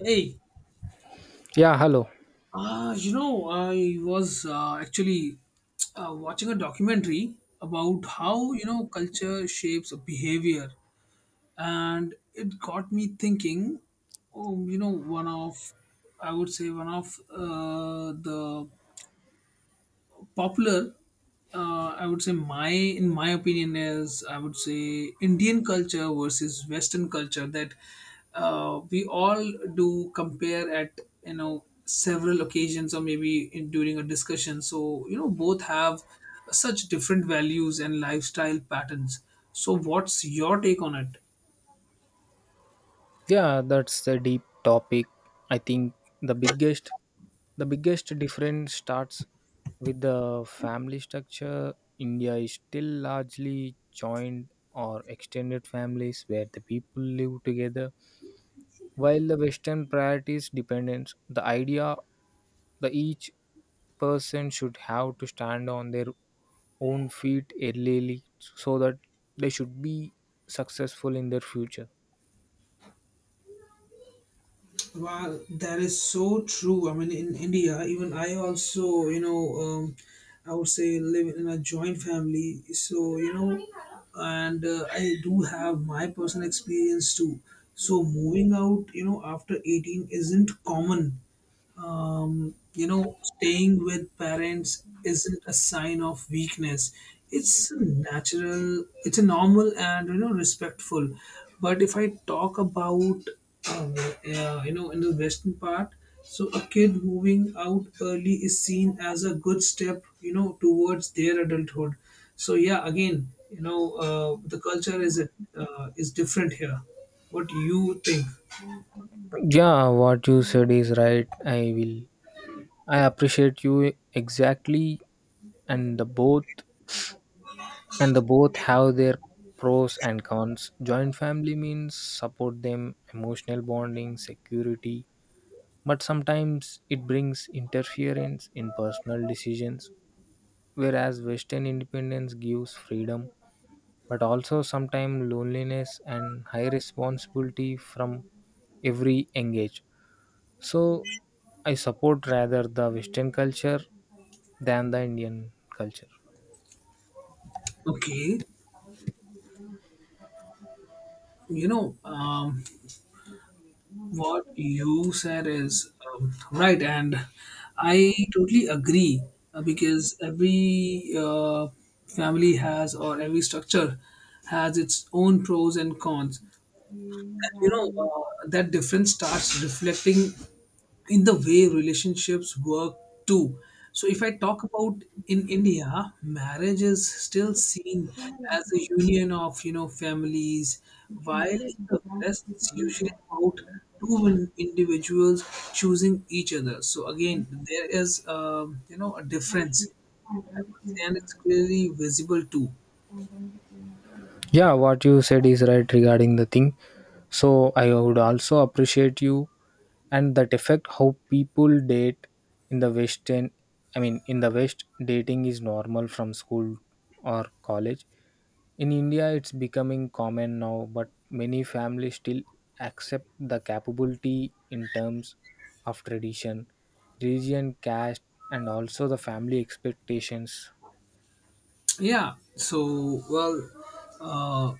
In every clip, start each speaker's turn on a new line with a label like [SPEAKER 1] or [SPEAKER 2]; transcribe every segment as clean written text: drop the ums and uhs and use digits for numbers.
[SPEAKER 1] Hey,
[SPEAKER 2] Yeah, hello.
[SPEAKER 1] I was actually watching a documentary about how, culture shapes behavior. And it got me thinking, oh, I would say, one of the popular, I would say my in my opinion is, I would say Indian culture versus Western culture, that we all do compare at several occasions, or maybe during a discussion. So both have such different values and lifestyle patterns. So what's your take on it?
[SPEAKER 2] Yeah, that's a deep topic. I think the biggest the biggest difference starts with the family structure. India is still largely joined or extended families where the people live together. While the Western priorities dependence, the idea that each person should have to stand on their own feet early so that they should be successful in their future.
[SPEAKER 1] Wow, that is so true. I mean, in India, even I also, I would say live in a joint family. So, and I do have my personal experience too. So, moving out, after 18 isn't common. Staying with parents isn't a sign of weakness. It's a normal and respectful. But if I talk about in the Western part, so a kid moving out early is seen as a good step towards their adulthood. So yeah, again, the culture is different here. What do you think?
[SPEAKER 2] Yeah, what you said is right. I appreciate you exactly, and the both have their pros and cons. Joint family means support them, emotional bonding, security, but sometimes it brings interference in personal decisions. Whereas Western independence gives freedom, but also sometimes loneliness and high responsibility from every engage. So I support rather the Western culture than the Indian culture.
[SPEAKER 1] Okay, you know. Um, what you said is right, and I totally agree, because every family has, or every structure has its own pros and cons. That difference starts reflecting in the way relationships work too. So if I talk about, in India, marriage is still seen as a union of, families, while in the West it's usually about two individuals choosing each other. So again, there is, a difference, I would say, and it's clearly visible too.
[SPEAKER 2] Yeah, what you said is right regarding the thing. So I would also appreciate you and that effect how people date in the Western. I mean, in the West, dating is normal from school or college. In India, it's becoming common now, but many families still accept the capability in terms of tradition, religion, caste, and also the family expectations.
[SPEAKER 1] Yeah. So well, uh,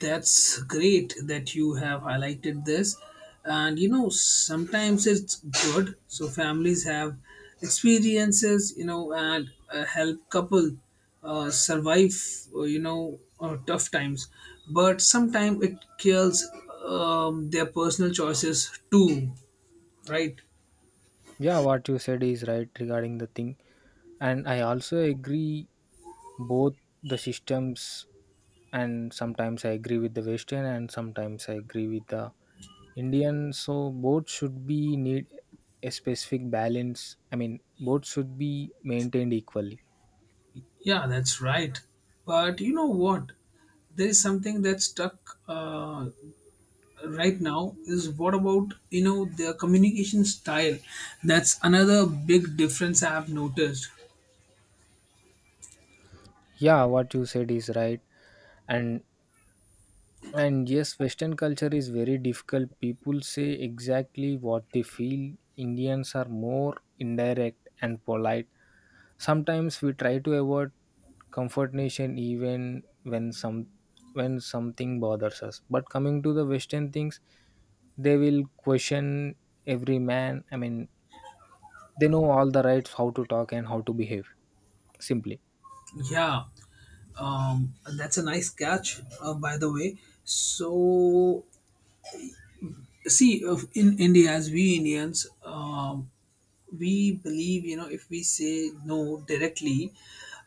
[SPEAKER 1] that's great that you have highlighted this. And sometimes it's good. So families have experiences, and help couple survive tough times. But sometimes it kills their personal choices too, right?
[SPEAKER 2] Yeah, what you said is right regarding the thing, and I also agree both the systems, and sometimes I agree with the Western and sometimes I agree with the Indian. So both should be need a specific balance. I mean both should be maintained equally.
[SPEAKER 1] Yeah, that's right. But you know what? There is something that stuck. Right now is what about their communication style. That's another big difference I have noticed.
[SPEAKER 2] Yeah, what you said is right. And and yes, Western culture is very difficult. People say exactly what they feel. Indians are more indirect and polite. Sometimes we try to avoid comfort nation even when something bothers us. But coming to the Western things, they will question every man. I mean, they know all the rights how to talk and how to behave, simply.
[SPEAKER 1] Yeah, that's a nice catch, by the way. So see, in India, as we Indians, we believe, if we say no directly,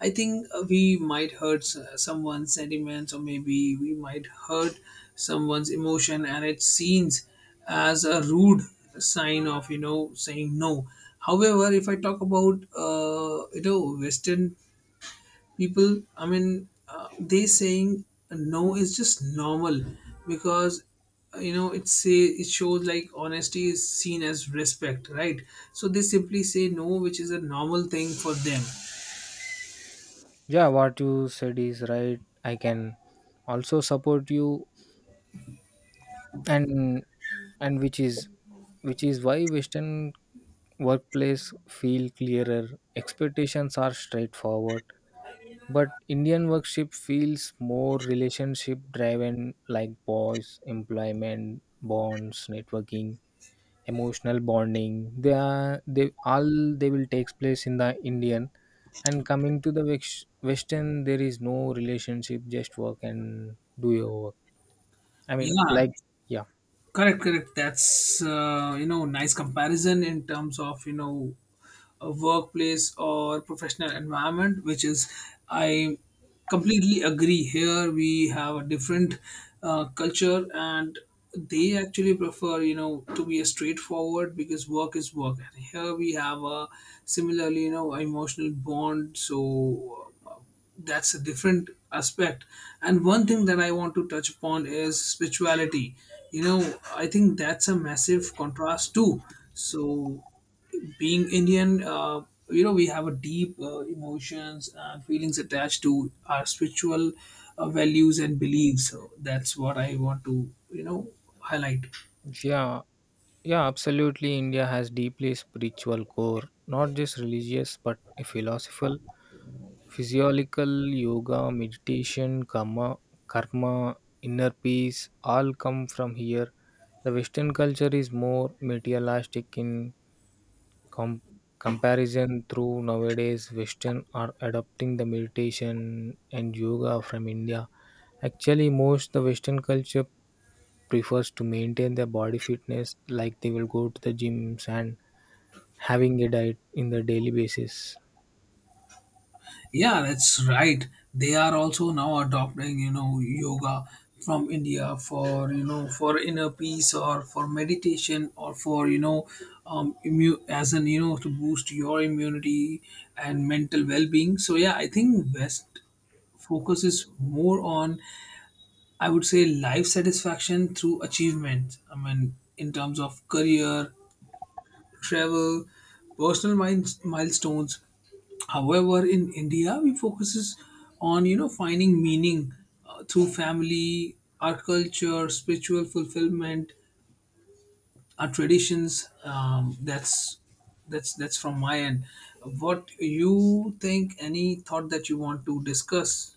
[SPEAKER 1] I think we might hurt someone's sentiments, or maybe we might hurt someone's emotion, and it seems as a rude sign of saying no. However, if I talk about, Western people, I mean, they saying no is just normal. Because uh, you know it say it shows, like, honesty is seen as respect, right? So they simply say no, which is a normal thing for them.
[SPEAKER 2] Yeah, what you said is right. I can also support you. And and which is why Western workplace feel clearer, expectations are straightforward. But Indian workship feels more relationship driven, like boys employment bonds, networking, emotional bonding. They will takes place in the Indian. And coming to the Western, there is no relationship, just work and do your work. I mean,
[SPEAKER 1] Yeah,
[SPEAKER 2] like, yeah.
[SPEAKER 1] correct, correct. That's nice comparison in terms of, a workplace or professional environment, which is, I completely agree. Here we have a different culture, and they actually prefer, to be a straightforward, because work is work, and here we have a similarly, emotional bond. So that's a different aspect. And one thing that I want to touch upon is spirituality. you know I think that's a massive contrast too. So being Indian, we have a deep emotions and feelings attached to our spiritual values and beliefs. So that's what I want to, highlight.
[SPEAKER 2] Yeah. Yeah, absolutely. India has deeply spiritual core, not just religious, but a philosophical, physiological, yoga, meditation, karma, inner peace, all come from here. The Western culture is more materialistic in com- comparison. Through nowadays, Western are adopting the meditation and yoga from India. Actually, most the Western culture prefers to maintain their body fitness, like they will go to the gyms and having a diet in the daily basis.
[SPEAKER 1] Yeah, that's right. They are also now adopting, yoga from India for inner peace, or for meditation, or for, you know, immu- as an, you know, to boost your immunity and mental well being. So, yeah, I think West focuses more on, I would say, life satisfaction through achievement. I mean, in terms of career, travel, personal milestones. However, in India, we focuses on, finding meaning through family, our culture, spiritual fulfillment, our traditions. That's from my end. What you think? Any thought that you want to discuss?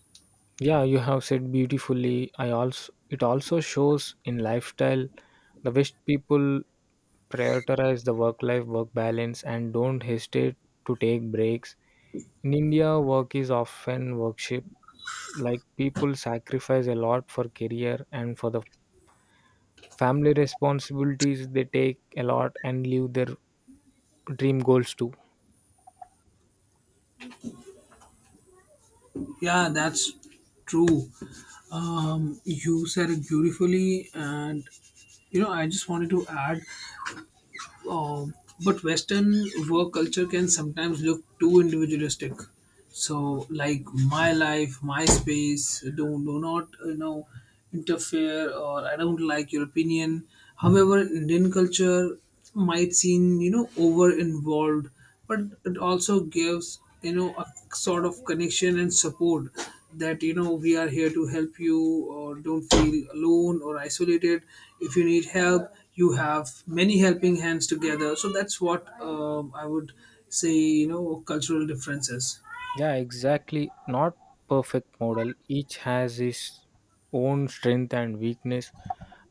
[SPEAKER 2] Yeah, you have said beautifully. I also, it also shows in lifestyle. The West people prioritize the work balance and don't hesitate to take breaks. In India, work is often worship. Like people sacrifice a lot for career, and for the family responsibilities they take a lot and leave their dream goals too.
[SPEAKER 1] Yeah, that's true. You said it beautifully, and, I just wanted to add, um, but Western work culture can sometimes look too individualistic. So, like, my life, my space, do not, interfere, or I don't like your opinion. However, Indian culture might seem, over involved, but it also gives, a sort of connection and support, that we are here to help you, or don't feel alone or isolated. If you need help, you have many helping hands together. So that's what, I would say, cultural differences.
[SPEAKER 2] Yeah, exactly. Not perfect model. Each has its own strength and weakness.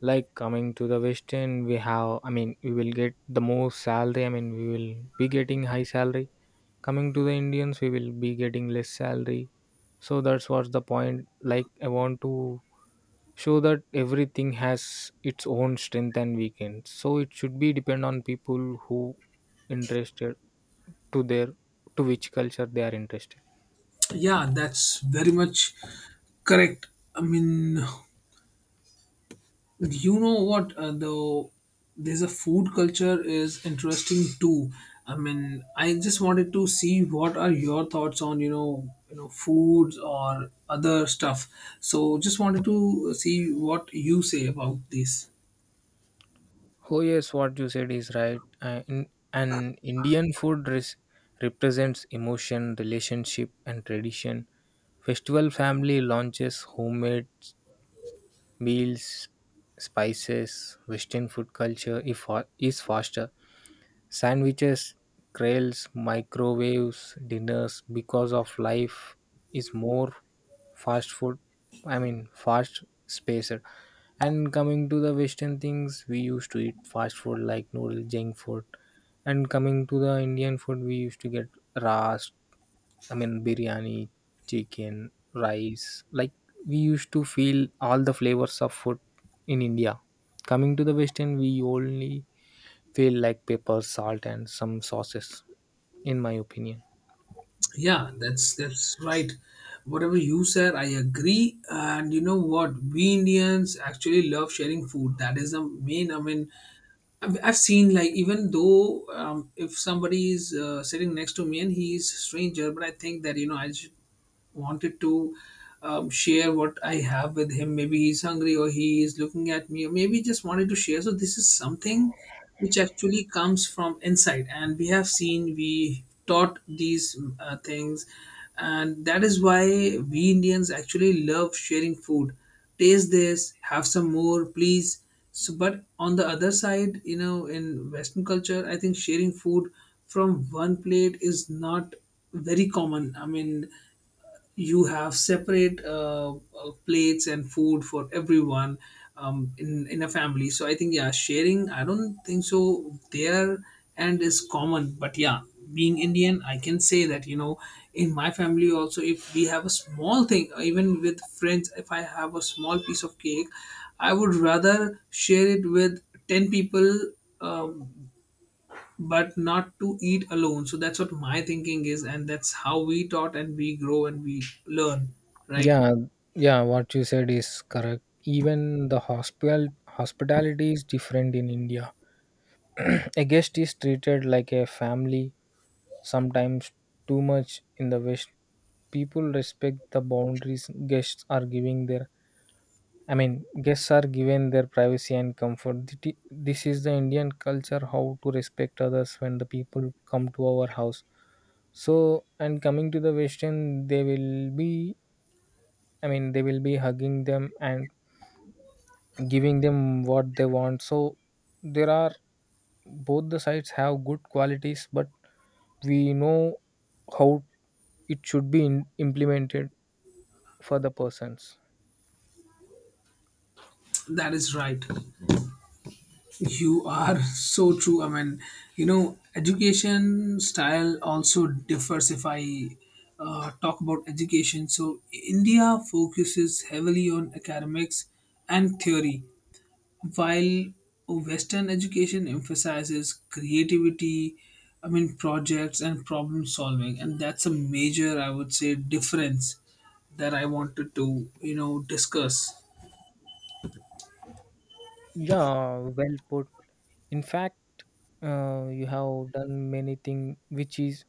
[SPEAKER 2] Like coming to the Western, we have. I mean, we will get the most salary. I mean, we will be getting high salary. Coming to the Indians, we will be getting less salary. So that's what's the point. Like I want to show that everything has its own strength and weakness. So it should be depend on people who interested to their to which culture they are interested.
[SPEAKER 1] Yeah, that's very much correct. I mean, you know what, though, there's a food culture is interesting too. I mean, I just wanted to see what are your thoughts on, foods or other stuff. So just wanted to see what you say about this.
[SPEAKER 2] Oh yes, what you said is right. And Indian food represents emotion, relationship, and tradition. Festival family launches homemade meals, spices. Western food culture if fa- is faster. Sandwiches, grills, microwaves, dinners because of life is more fast food. I mean, fast spaced. And coming to the Western things, we used to eat fast food like noodle, junk food. And coming to the Indian food, we used to get ras, I mean, biryani, chicken, rice. Like, we used to feel all the flavors of food in India. Coming to the Western, we only feel like pepper, salt, and some sauces, in my opinion.
[SPEAKER 1] Yeah, that's right. Whatever you said, I agree. And you know what, we Indians actually love sharing food. That is the main, I mean, I've seen, like, even though, if somebody is sitting next to me, and he's a stranger, but I think that, I should wanted to, share what I have with him. Maybe he's hungry, or he is looking at me, or maybe just wanted to share. So this is something which actually comes from inside, and we have seen we taught these things, and that is why we Indians actually love sharing food. Taste this, have some more, please. So, but on the other side, in Western culture, I think sharing food from one plate is not very common. I mean, you have separate plates and food for everyone, in a family. So I think, yeah, sharing. I don't think so. There and is common, but yeah, being Indian, I can say that, in my family also, if we have a small thing, even with friends, if I have a small piece of cake, I would rather share it with ten people. um but not to eat alone. So that's what my thinking is, and that's how we taught and we grow and we learn, right?
[SPEAKER 2] Yeah, yeah, what you said is correct. Even the hospitality is different in India. A guest is treated like a family, sometimes too much. In the West, people respect the boundaries. Guests are giving their, I mean, guests are given their privacy and comfort. This is the Indian culture how to respect others when the people come to our house. So, and coming to the Western, they will be, I mean, they will be hugging them and giving them what they want. So, there are both the sides have good qualities, but we know how it should be implemented for the persons.
[SPEAKER 1] That is right. You are so true. I mean, education style also differs, if I talk about education. So, India focuses heavily on academics and theory, while Western education emphasizes creativity, I mean, projects and problem solving, and that's a major, I would say, difference that I wanted to, discuss.
[SPEAKER 2] Yeah, well put. In fact, you have done many things which is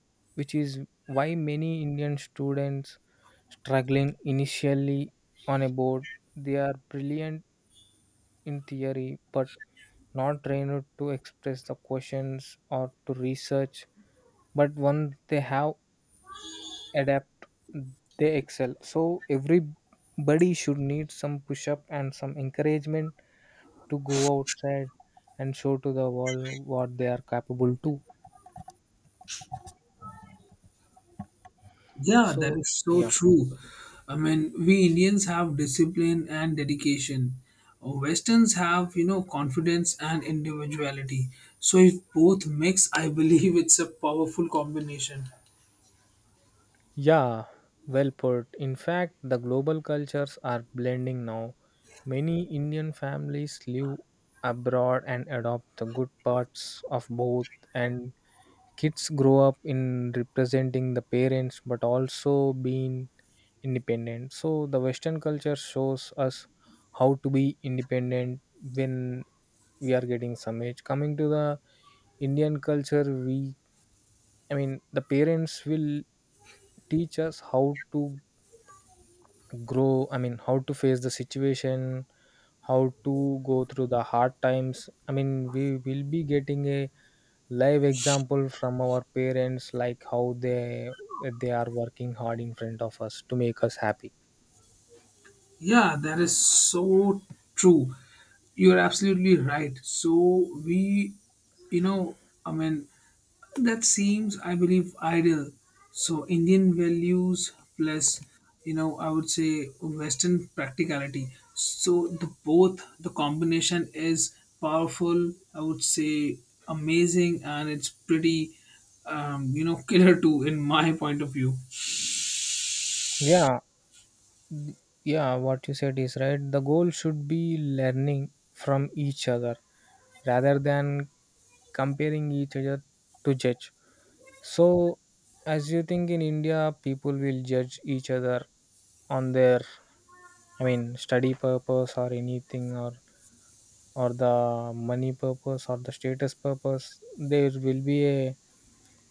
[SPEAKER 2] which is why many Indian students struggling initially on a board. They are brilliant in theory but not trained to express the questions or to research. But once they have adapt, they excel. So everybody should need some push up and some encouragement to go outside and show to the world what they are capable to.
[SPEAKER 1] Yeah, that
[SPEAKER 2] So,
[SPEAKER 1] is so
[SPEAKER 2] yeah.
[SPEAKER 1] true. I mean, we Indians have discipline and dedication. Westerns have, confidence and individuality. So if both mix, I believe it's a powerful combination.
[SPEAKER 2] Yeah, well put. In fact, the global cultures are blending now. Many Indian families live abroad and adopt the good parts of both, and kids grow up in representing the parents but also being independent. So, the Western culture shows us how to be independent when we are getting some age. Coming to the Indian culture, we, I mean, the parents will teach us how to grow, I mean, how to face the situation, how to go through the hard times. I mean, we will be getting a live example from our parents, like how they are working hard in front of us to make us happy.
[SPEAKER 1] Yeah, that is so true. You're absolutely right. So we, you know, I mean, that seems, I believe, ideal. So Indian values plus, I would say, Western practicality. So the both the combination is powerful. I would say amazing, and it's pretty, killer too, in my point of view.
[SPEAKER 2] Yeah, th- yeah, what you said is right. The goal should be learning from each other rather than comparing each other to judge. So, as you think, in India, people will judge each other on their, I mean, study purpose or anything, or the money purpose or the status purpose. There will be a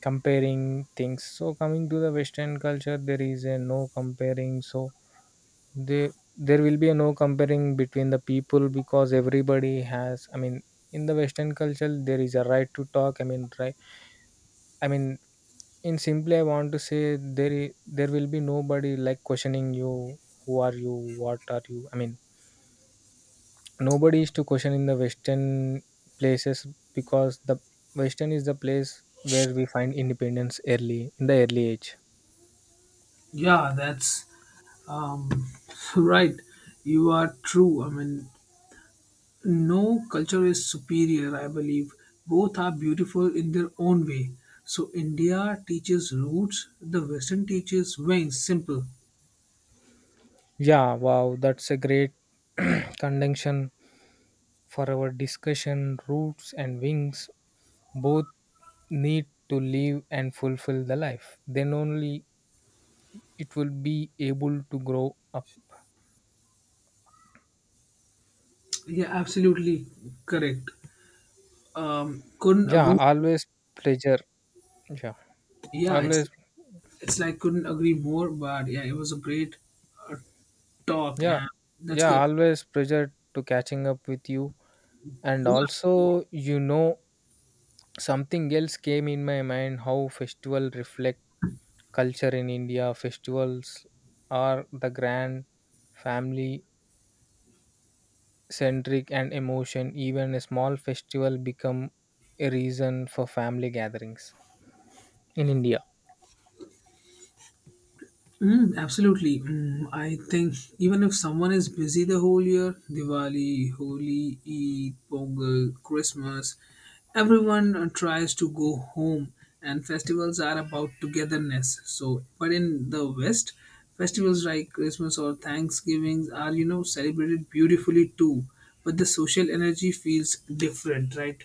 [SPEAKER 2] comparing things. So, coming to the Western culture, there is a no comparing. So, they there will be a no comparing between the people because everybody has. I mean, in the Western culture, there is a right to talk. I mean, right. I mean, in simply, I want to say there will be nobody like questioning you. Who are you? What are you? I mean, nobody is to question in the Western places because the Western is the place where we find independence early in the early age.
[SPEAKER 1] Yeah, that's, Um, right, you are true. I mean, no culture is superior, I believe. Both are beautiful in their own way. So, India teaches roots, the Western teaches wings. Simple.
[SPEAKER 2] Yeah, wow, that's a great conjunction for our discussion. Roots and wings both need to live and fulfill the life. Then only it will be able to grow up.
[SPEAKER 1] Yeah, absolutely correct. Couldn't
[SPEAKER 2] Yeah,
[SPEAKER 1] agree.
[SPEAKER 2] always pleasure. Yeah,
[SPEAKER 1] Yeah, it's
[SPEAKER 2] always.
[SPEAKER 1] it's like couldn't agree more. But yeah, it was a great uh, talk,
[SPEAKER 2] Yeah,
[SPEAKER 1] and that's
[SPEAKER 2] yeah,
[SPEAKER 1] good.
[SPEAKER 2] always pleasure to catching up with you. And
[SPEAKER 1] Yeah.
[SPEAKER 2] also, you know, something else came in my mind, how festival reflect culture in India. Festivals are the grand, family centric and emotion. Even a small festival become a reason for family gatherings in India.
[SPEAKER 1] Mm, absolutely. Mm, I think even if someone is busy the whole year, Diwali, Holi, Eid, Pongal, Christmas, everyone tries to go home, and festivals are about togetherness. So, but in the West, festivals like Christmas or Thanksgiving are, celebrated beautifully too, but the social energy feels different, right?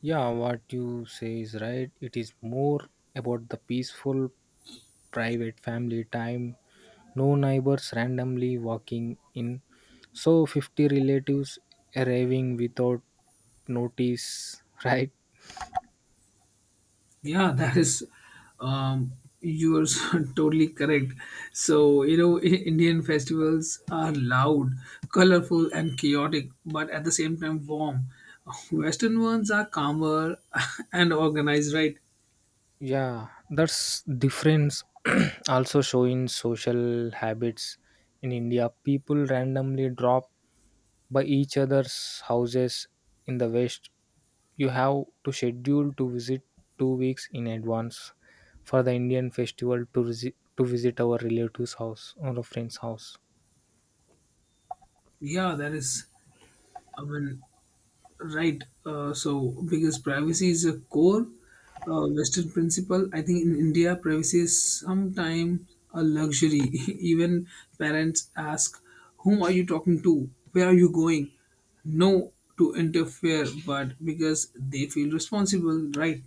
[SPEAKER 2] Yeah, what you say is right. It is more about the peaceful private family time, no neighbors randomly walking in. So 50 relatives arriving without notice, right?
[SPEAKER 1] Yeah, that is, um, you are so totally correct. So, Indian festivals are loud, colorful, and chaotic, but at the same time warm. Western ones are calmer and organized, right?
[SPEAKER 2] Yeah, that's difference also showing social habits. In India, people randomly drop by each other's houses. In the West, you have to schedule to visit 2 weeks in advance for the Indian festival to, to visit our relative's house or a friend's house.
[SPEAKER 1] Yeah, that is, I mean, right. So, because privacy is a core Western principle, I think in India, privacy is sometimes a luxury. Even parents ask, "Whom are you talking to? Where are you going?" No to interfere, but because they feel responsible, right?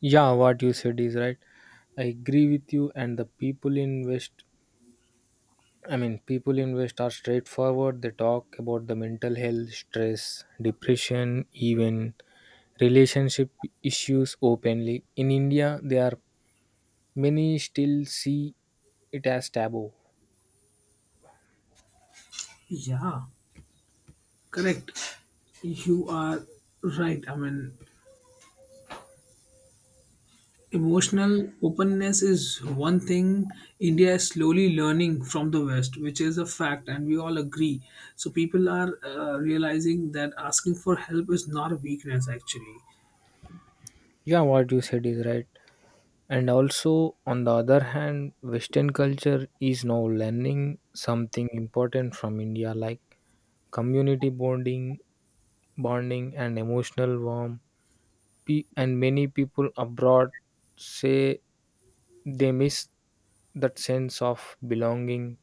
[SPEAKER 2] Yeah, what you said is right. I agree with you. And the people in West, I mean, people in West are straightforward. They talk about the mental health, stress, depression, even relationship issues openly. In India, there are many still see it as taboo.
[SPEAKER 1] Yeah, correct. You are right. I mean, emotional openness is one thing India is slowly learning from the West, which is a fact, and we all agree. So, people are realizing that asking for help is not a weakness, actually.
[SPEAKER 2] Yeah, what you said is right. And also, on the other hand, Western culture is now learning something important from India, like community bonding, and emotional warmth. And many people abroad say they miss that sense of belonging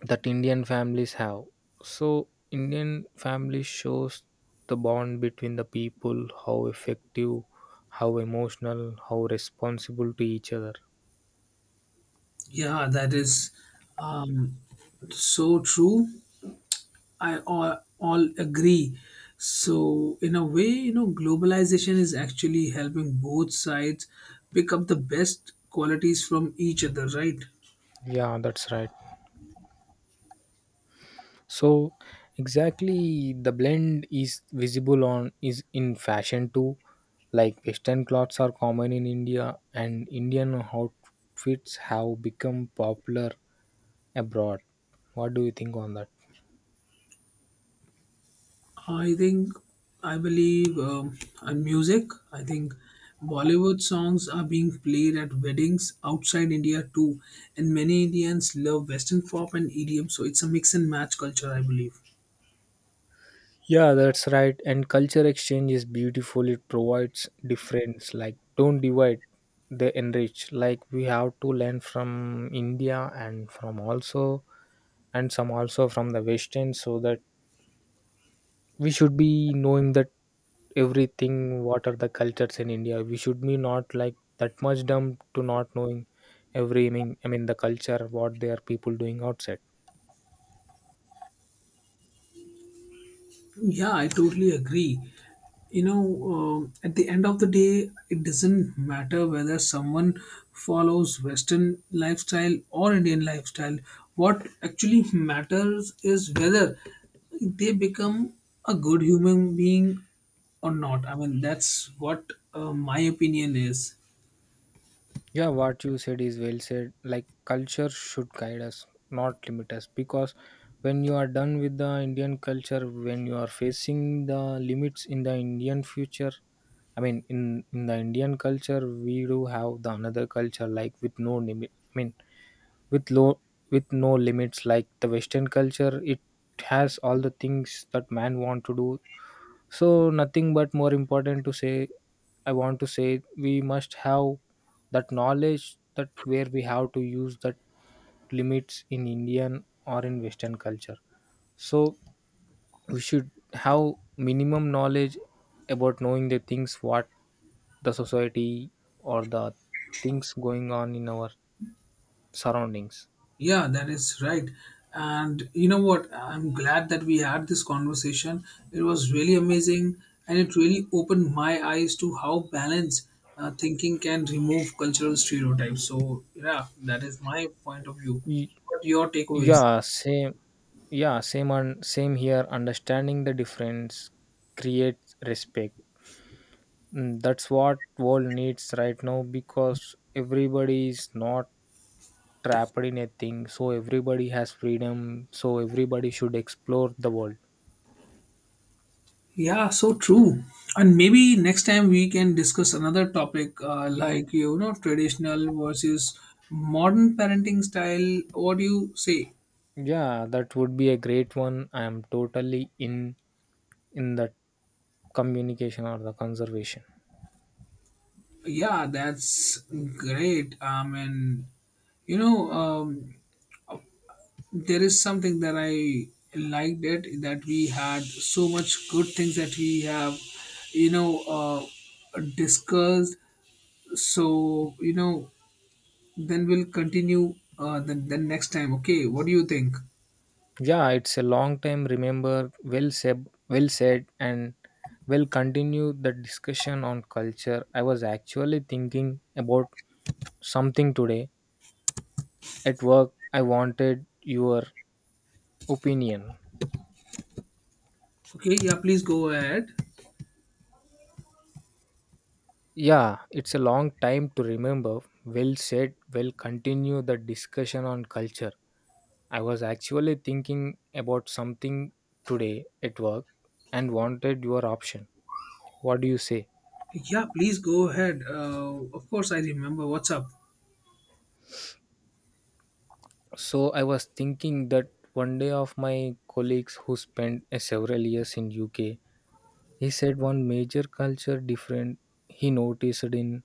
[SPEAKER 2] that Indian families have. So, Indian family shows the bond between the people, how effective, how emotional, how responsible to each other.
[SPEAKER 1] Yeah, that is, um, so true. I, all agree. So, in a way, globalization is actually helping both sides pick up the best qualities from each other, right?
[SPEAKER 2] Yeah, that's right. So exactly the blend is visible on is in fashion too. Like Western clothes are common in India and Indian outfits have become popular abroad. What do you think on that?
[SPEAKER 1] I think, I believe, on music, I think Bollywood songs are being played at weddings outside India too, and many Indians love Western pop and EDM, so it's a mix and match culture, I believe.
[SPEAKER 2] Yeah, that's right. And culture exchange is beautiful. It provides difference. Like don't divide, they enrich. Like we have to learn from India and from also and some also from the Western, so that we should be knowing that everything what are the cultures in india, we should be not like that much dumb to not knowing every, I mean the culture what their people doing outside.
[SPEAKER 1] Yeah, I totally agree. You know, at the end of the day, it doesn't matter whether someone follows Western lifestyle or Indian lifestyle. What actually matters is whether they become a good human being or not. I mean, that's what, my opinion is.
[SPEAKER 2] Yeah, what you said is well said. Like culture should guide us, not limit us, because when you are done with the indian culture, when you are facing the limits in the indian future, i mean in in the indian culture, we do have the another culture like with no limit, I mean with low, with no limits, like the western culture. It has all the things that man want to do. So nothing, but more important to say, I want to say we must have that knowledge, that where we have to use that limits in indian or in western culture. So we should have minimum knowledge about knowing the things what the society or the things going on in our surroundings.
[SPEAKER 1] Yeah, that is right. And you know what? I'm glad that we had this conversation. It was really amazing, and it really opened my eyes to how balanced thinking can remove cultural stereotypes. So, yeah, that is my point of view.
[SPEAKER 2] Y-
[SPEAKER 1] What your takeaways?
[SPEAKER 2] yeah, same. Yeah, same on same here. Understanding the difference creates respect. Mm, that's what world needs right now, because everybody is not trapped in a thing, so everybody has freedom, so everybody should explore the world.
[SPEAKER 1] Yeah, so true. And maybe next time we can discuss another topic, like, traditional versus modern parenting style. What do you say?
[SPEAKER 2] Yeah, that would be a great one. I am totally in that communication or the conservation.
[SPEAKER 1] Yeah, that's great. I mean, you know, um, there is something that I liked it, that we had so much good things that we have, discussed. So, then we'll continue, then next time. Okay, what do you think?
[SPEAKER 2] Yeah, it's a long time. Remember, well said, and we'll continue the discussion on culture. I was actually thinking about something today at work. I wanted your opinion.
[SPEAKER 1] Okay, yeah, please go ahead.
[SPEAKER 2] Yeah, it's a long time to remember. Well said, we'll continue the discussion on culture. I was actually thinking about something today at work, and wanted your option. What do you say?
[SPEAKER 1] Yeah, please go ahead. Of course, I remember. What's up?
[SPEAKER 2] So I was thinking that one day of my colleagues who spent several years in UK. He said one major culture difference he noticed in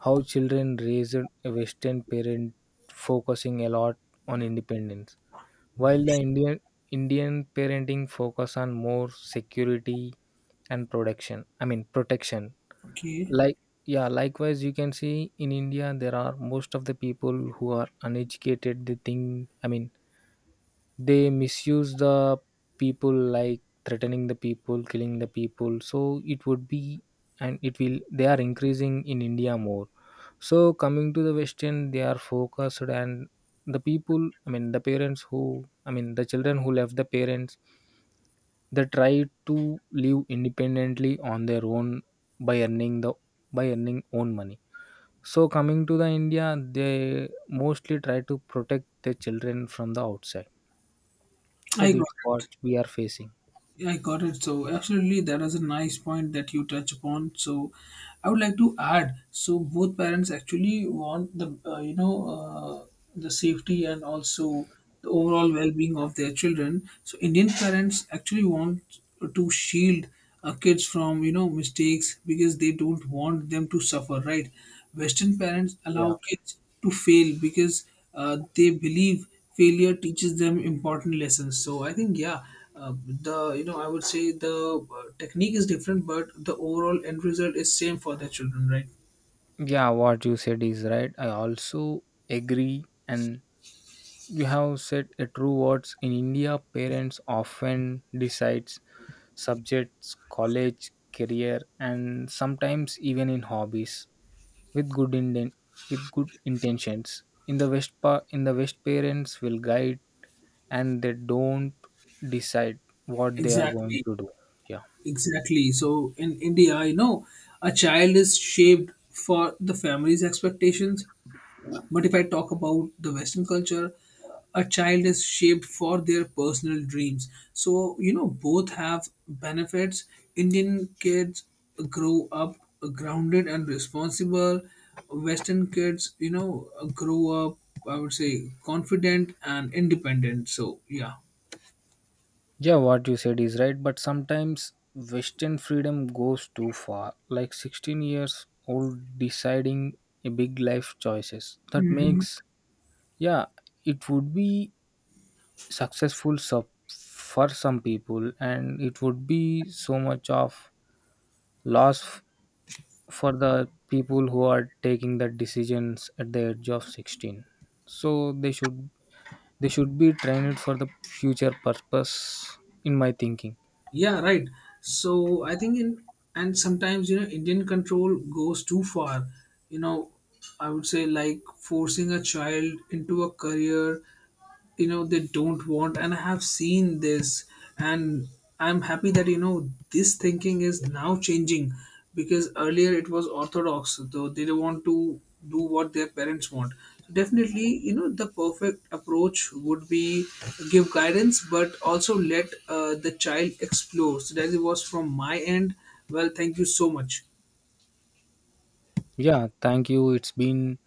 [SPEAKER 2] how children raised, a Western parent focusing a lot on independence, while the Indian parenting focus on more security and protection. I mean protection.
[SPEAKER 1] Okay,
[SPEAKER 2] Like, yeah, likewise you can see in India there are most of the people who are uneducated. They think, I mean they misuse the people, like threatening the people, killing the people, so it would be, and it will, they are increasing in india more. So coming to the western, they are focused, and the people, the parents who, I mean the children who left the parents, they try to live independently on their own, by earning the, by earning own money. So coming to the india, they mostly try to protect their children from the outside. So
[SPEAKER 1] I got
[SPEAKER 2] that's what
[SPEAKER 1] it.
[SPEAKER 2] we are facing.
[SPEAKER 1] Yeah, I got it. So absolutely, that is a nice point that you touch upon. So I would like to add. So both parents actually want the you know the safety, and also the overall well-being of their children. So Indian parents actually want to shield kids from mistakes, because they don't want them to suffer, right? Western parents
[SPEAKER 2] Yeah.
[SPEAKER 1] allow kids to fail, because they believe failure teaches them important lessons. So I think, yeah, uh, the, I would say the technique is different, but the overall end result is same for the children, right?
[SPEAKER 2] Yeah, what you said is right. I also agree, and you have said a true words. In India, parents often decides subjects, college, career, and sometimes even in hobbies with with good intentions. In the West, in the West, parents will guide, and they don't decide what they are going
[SPEAKER 1] Exactly,
[SPEAKER 2] to do. Yeah.
[SPEAKER 1] exactly. So in India, a child is shaped for the family's expectations, but if I talk about the Western culture, a child is shaped for their personal dreams. So, both have benefits. Indian kids grow up grounded and responsible. Western kids, grow up, I would say, confident and independent. So, yeah.
[SPEAKER 2] Yeah, what you said is right, but sometimes Western freedom goes too far. Like 16 years old deciding a big life choices. That makes, yeah, it would be successful for some people, and it would be so much of loss for the people who are taking the decisions at the age of 16. So they should be trained for the future purpose, in my thinking.
[SPEAKER 1] Yeah, right. So I think in and sometimes, Indian control goes too far. You know, I would say, like, forcing a child into a career, they don't want, and I have seen this, and I'm happy that, this thinking is now changing, because earlier it was orthodox, though they don't want to do what their parents want. So definitely, the perfect approach would be give guidance, but also let the child explore. So that it was from my end. Well, thank you so much.
[SPEAKER 2] Yeah, thank you. It's been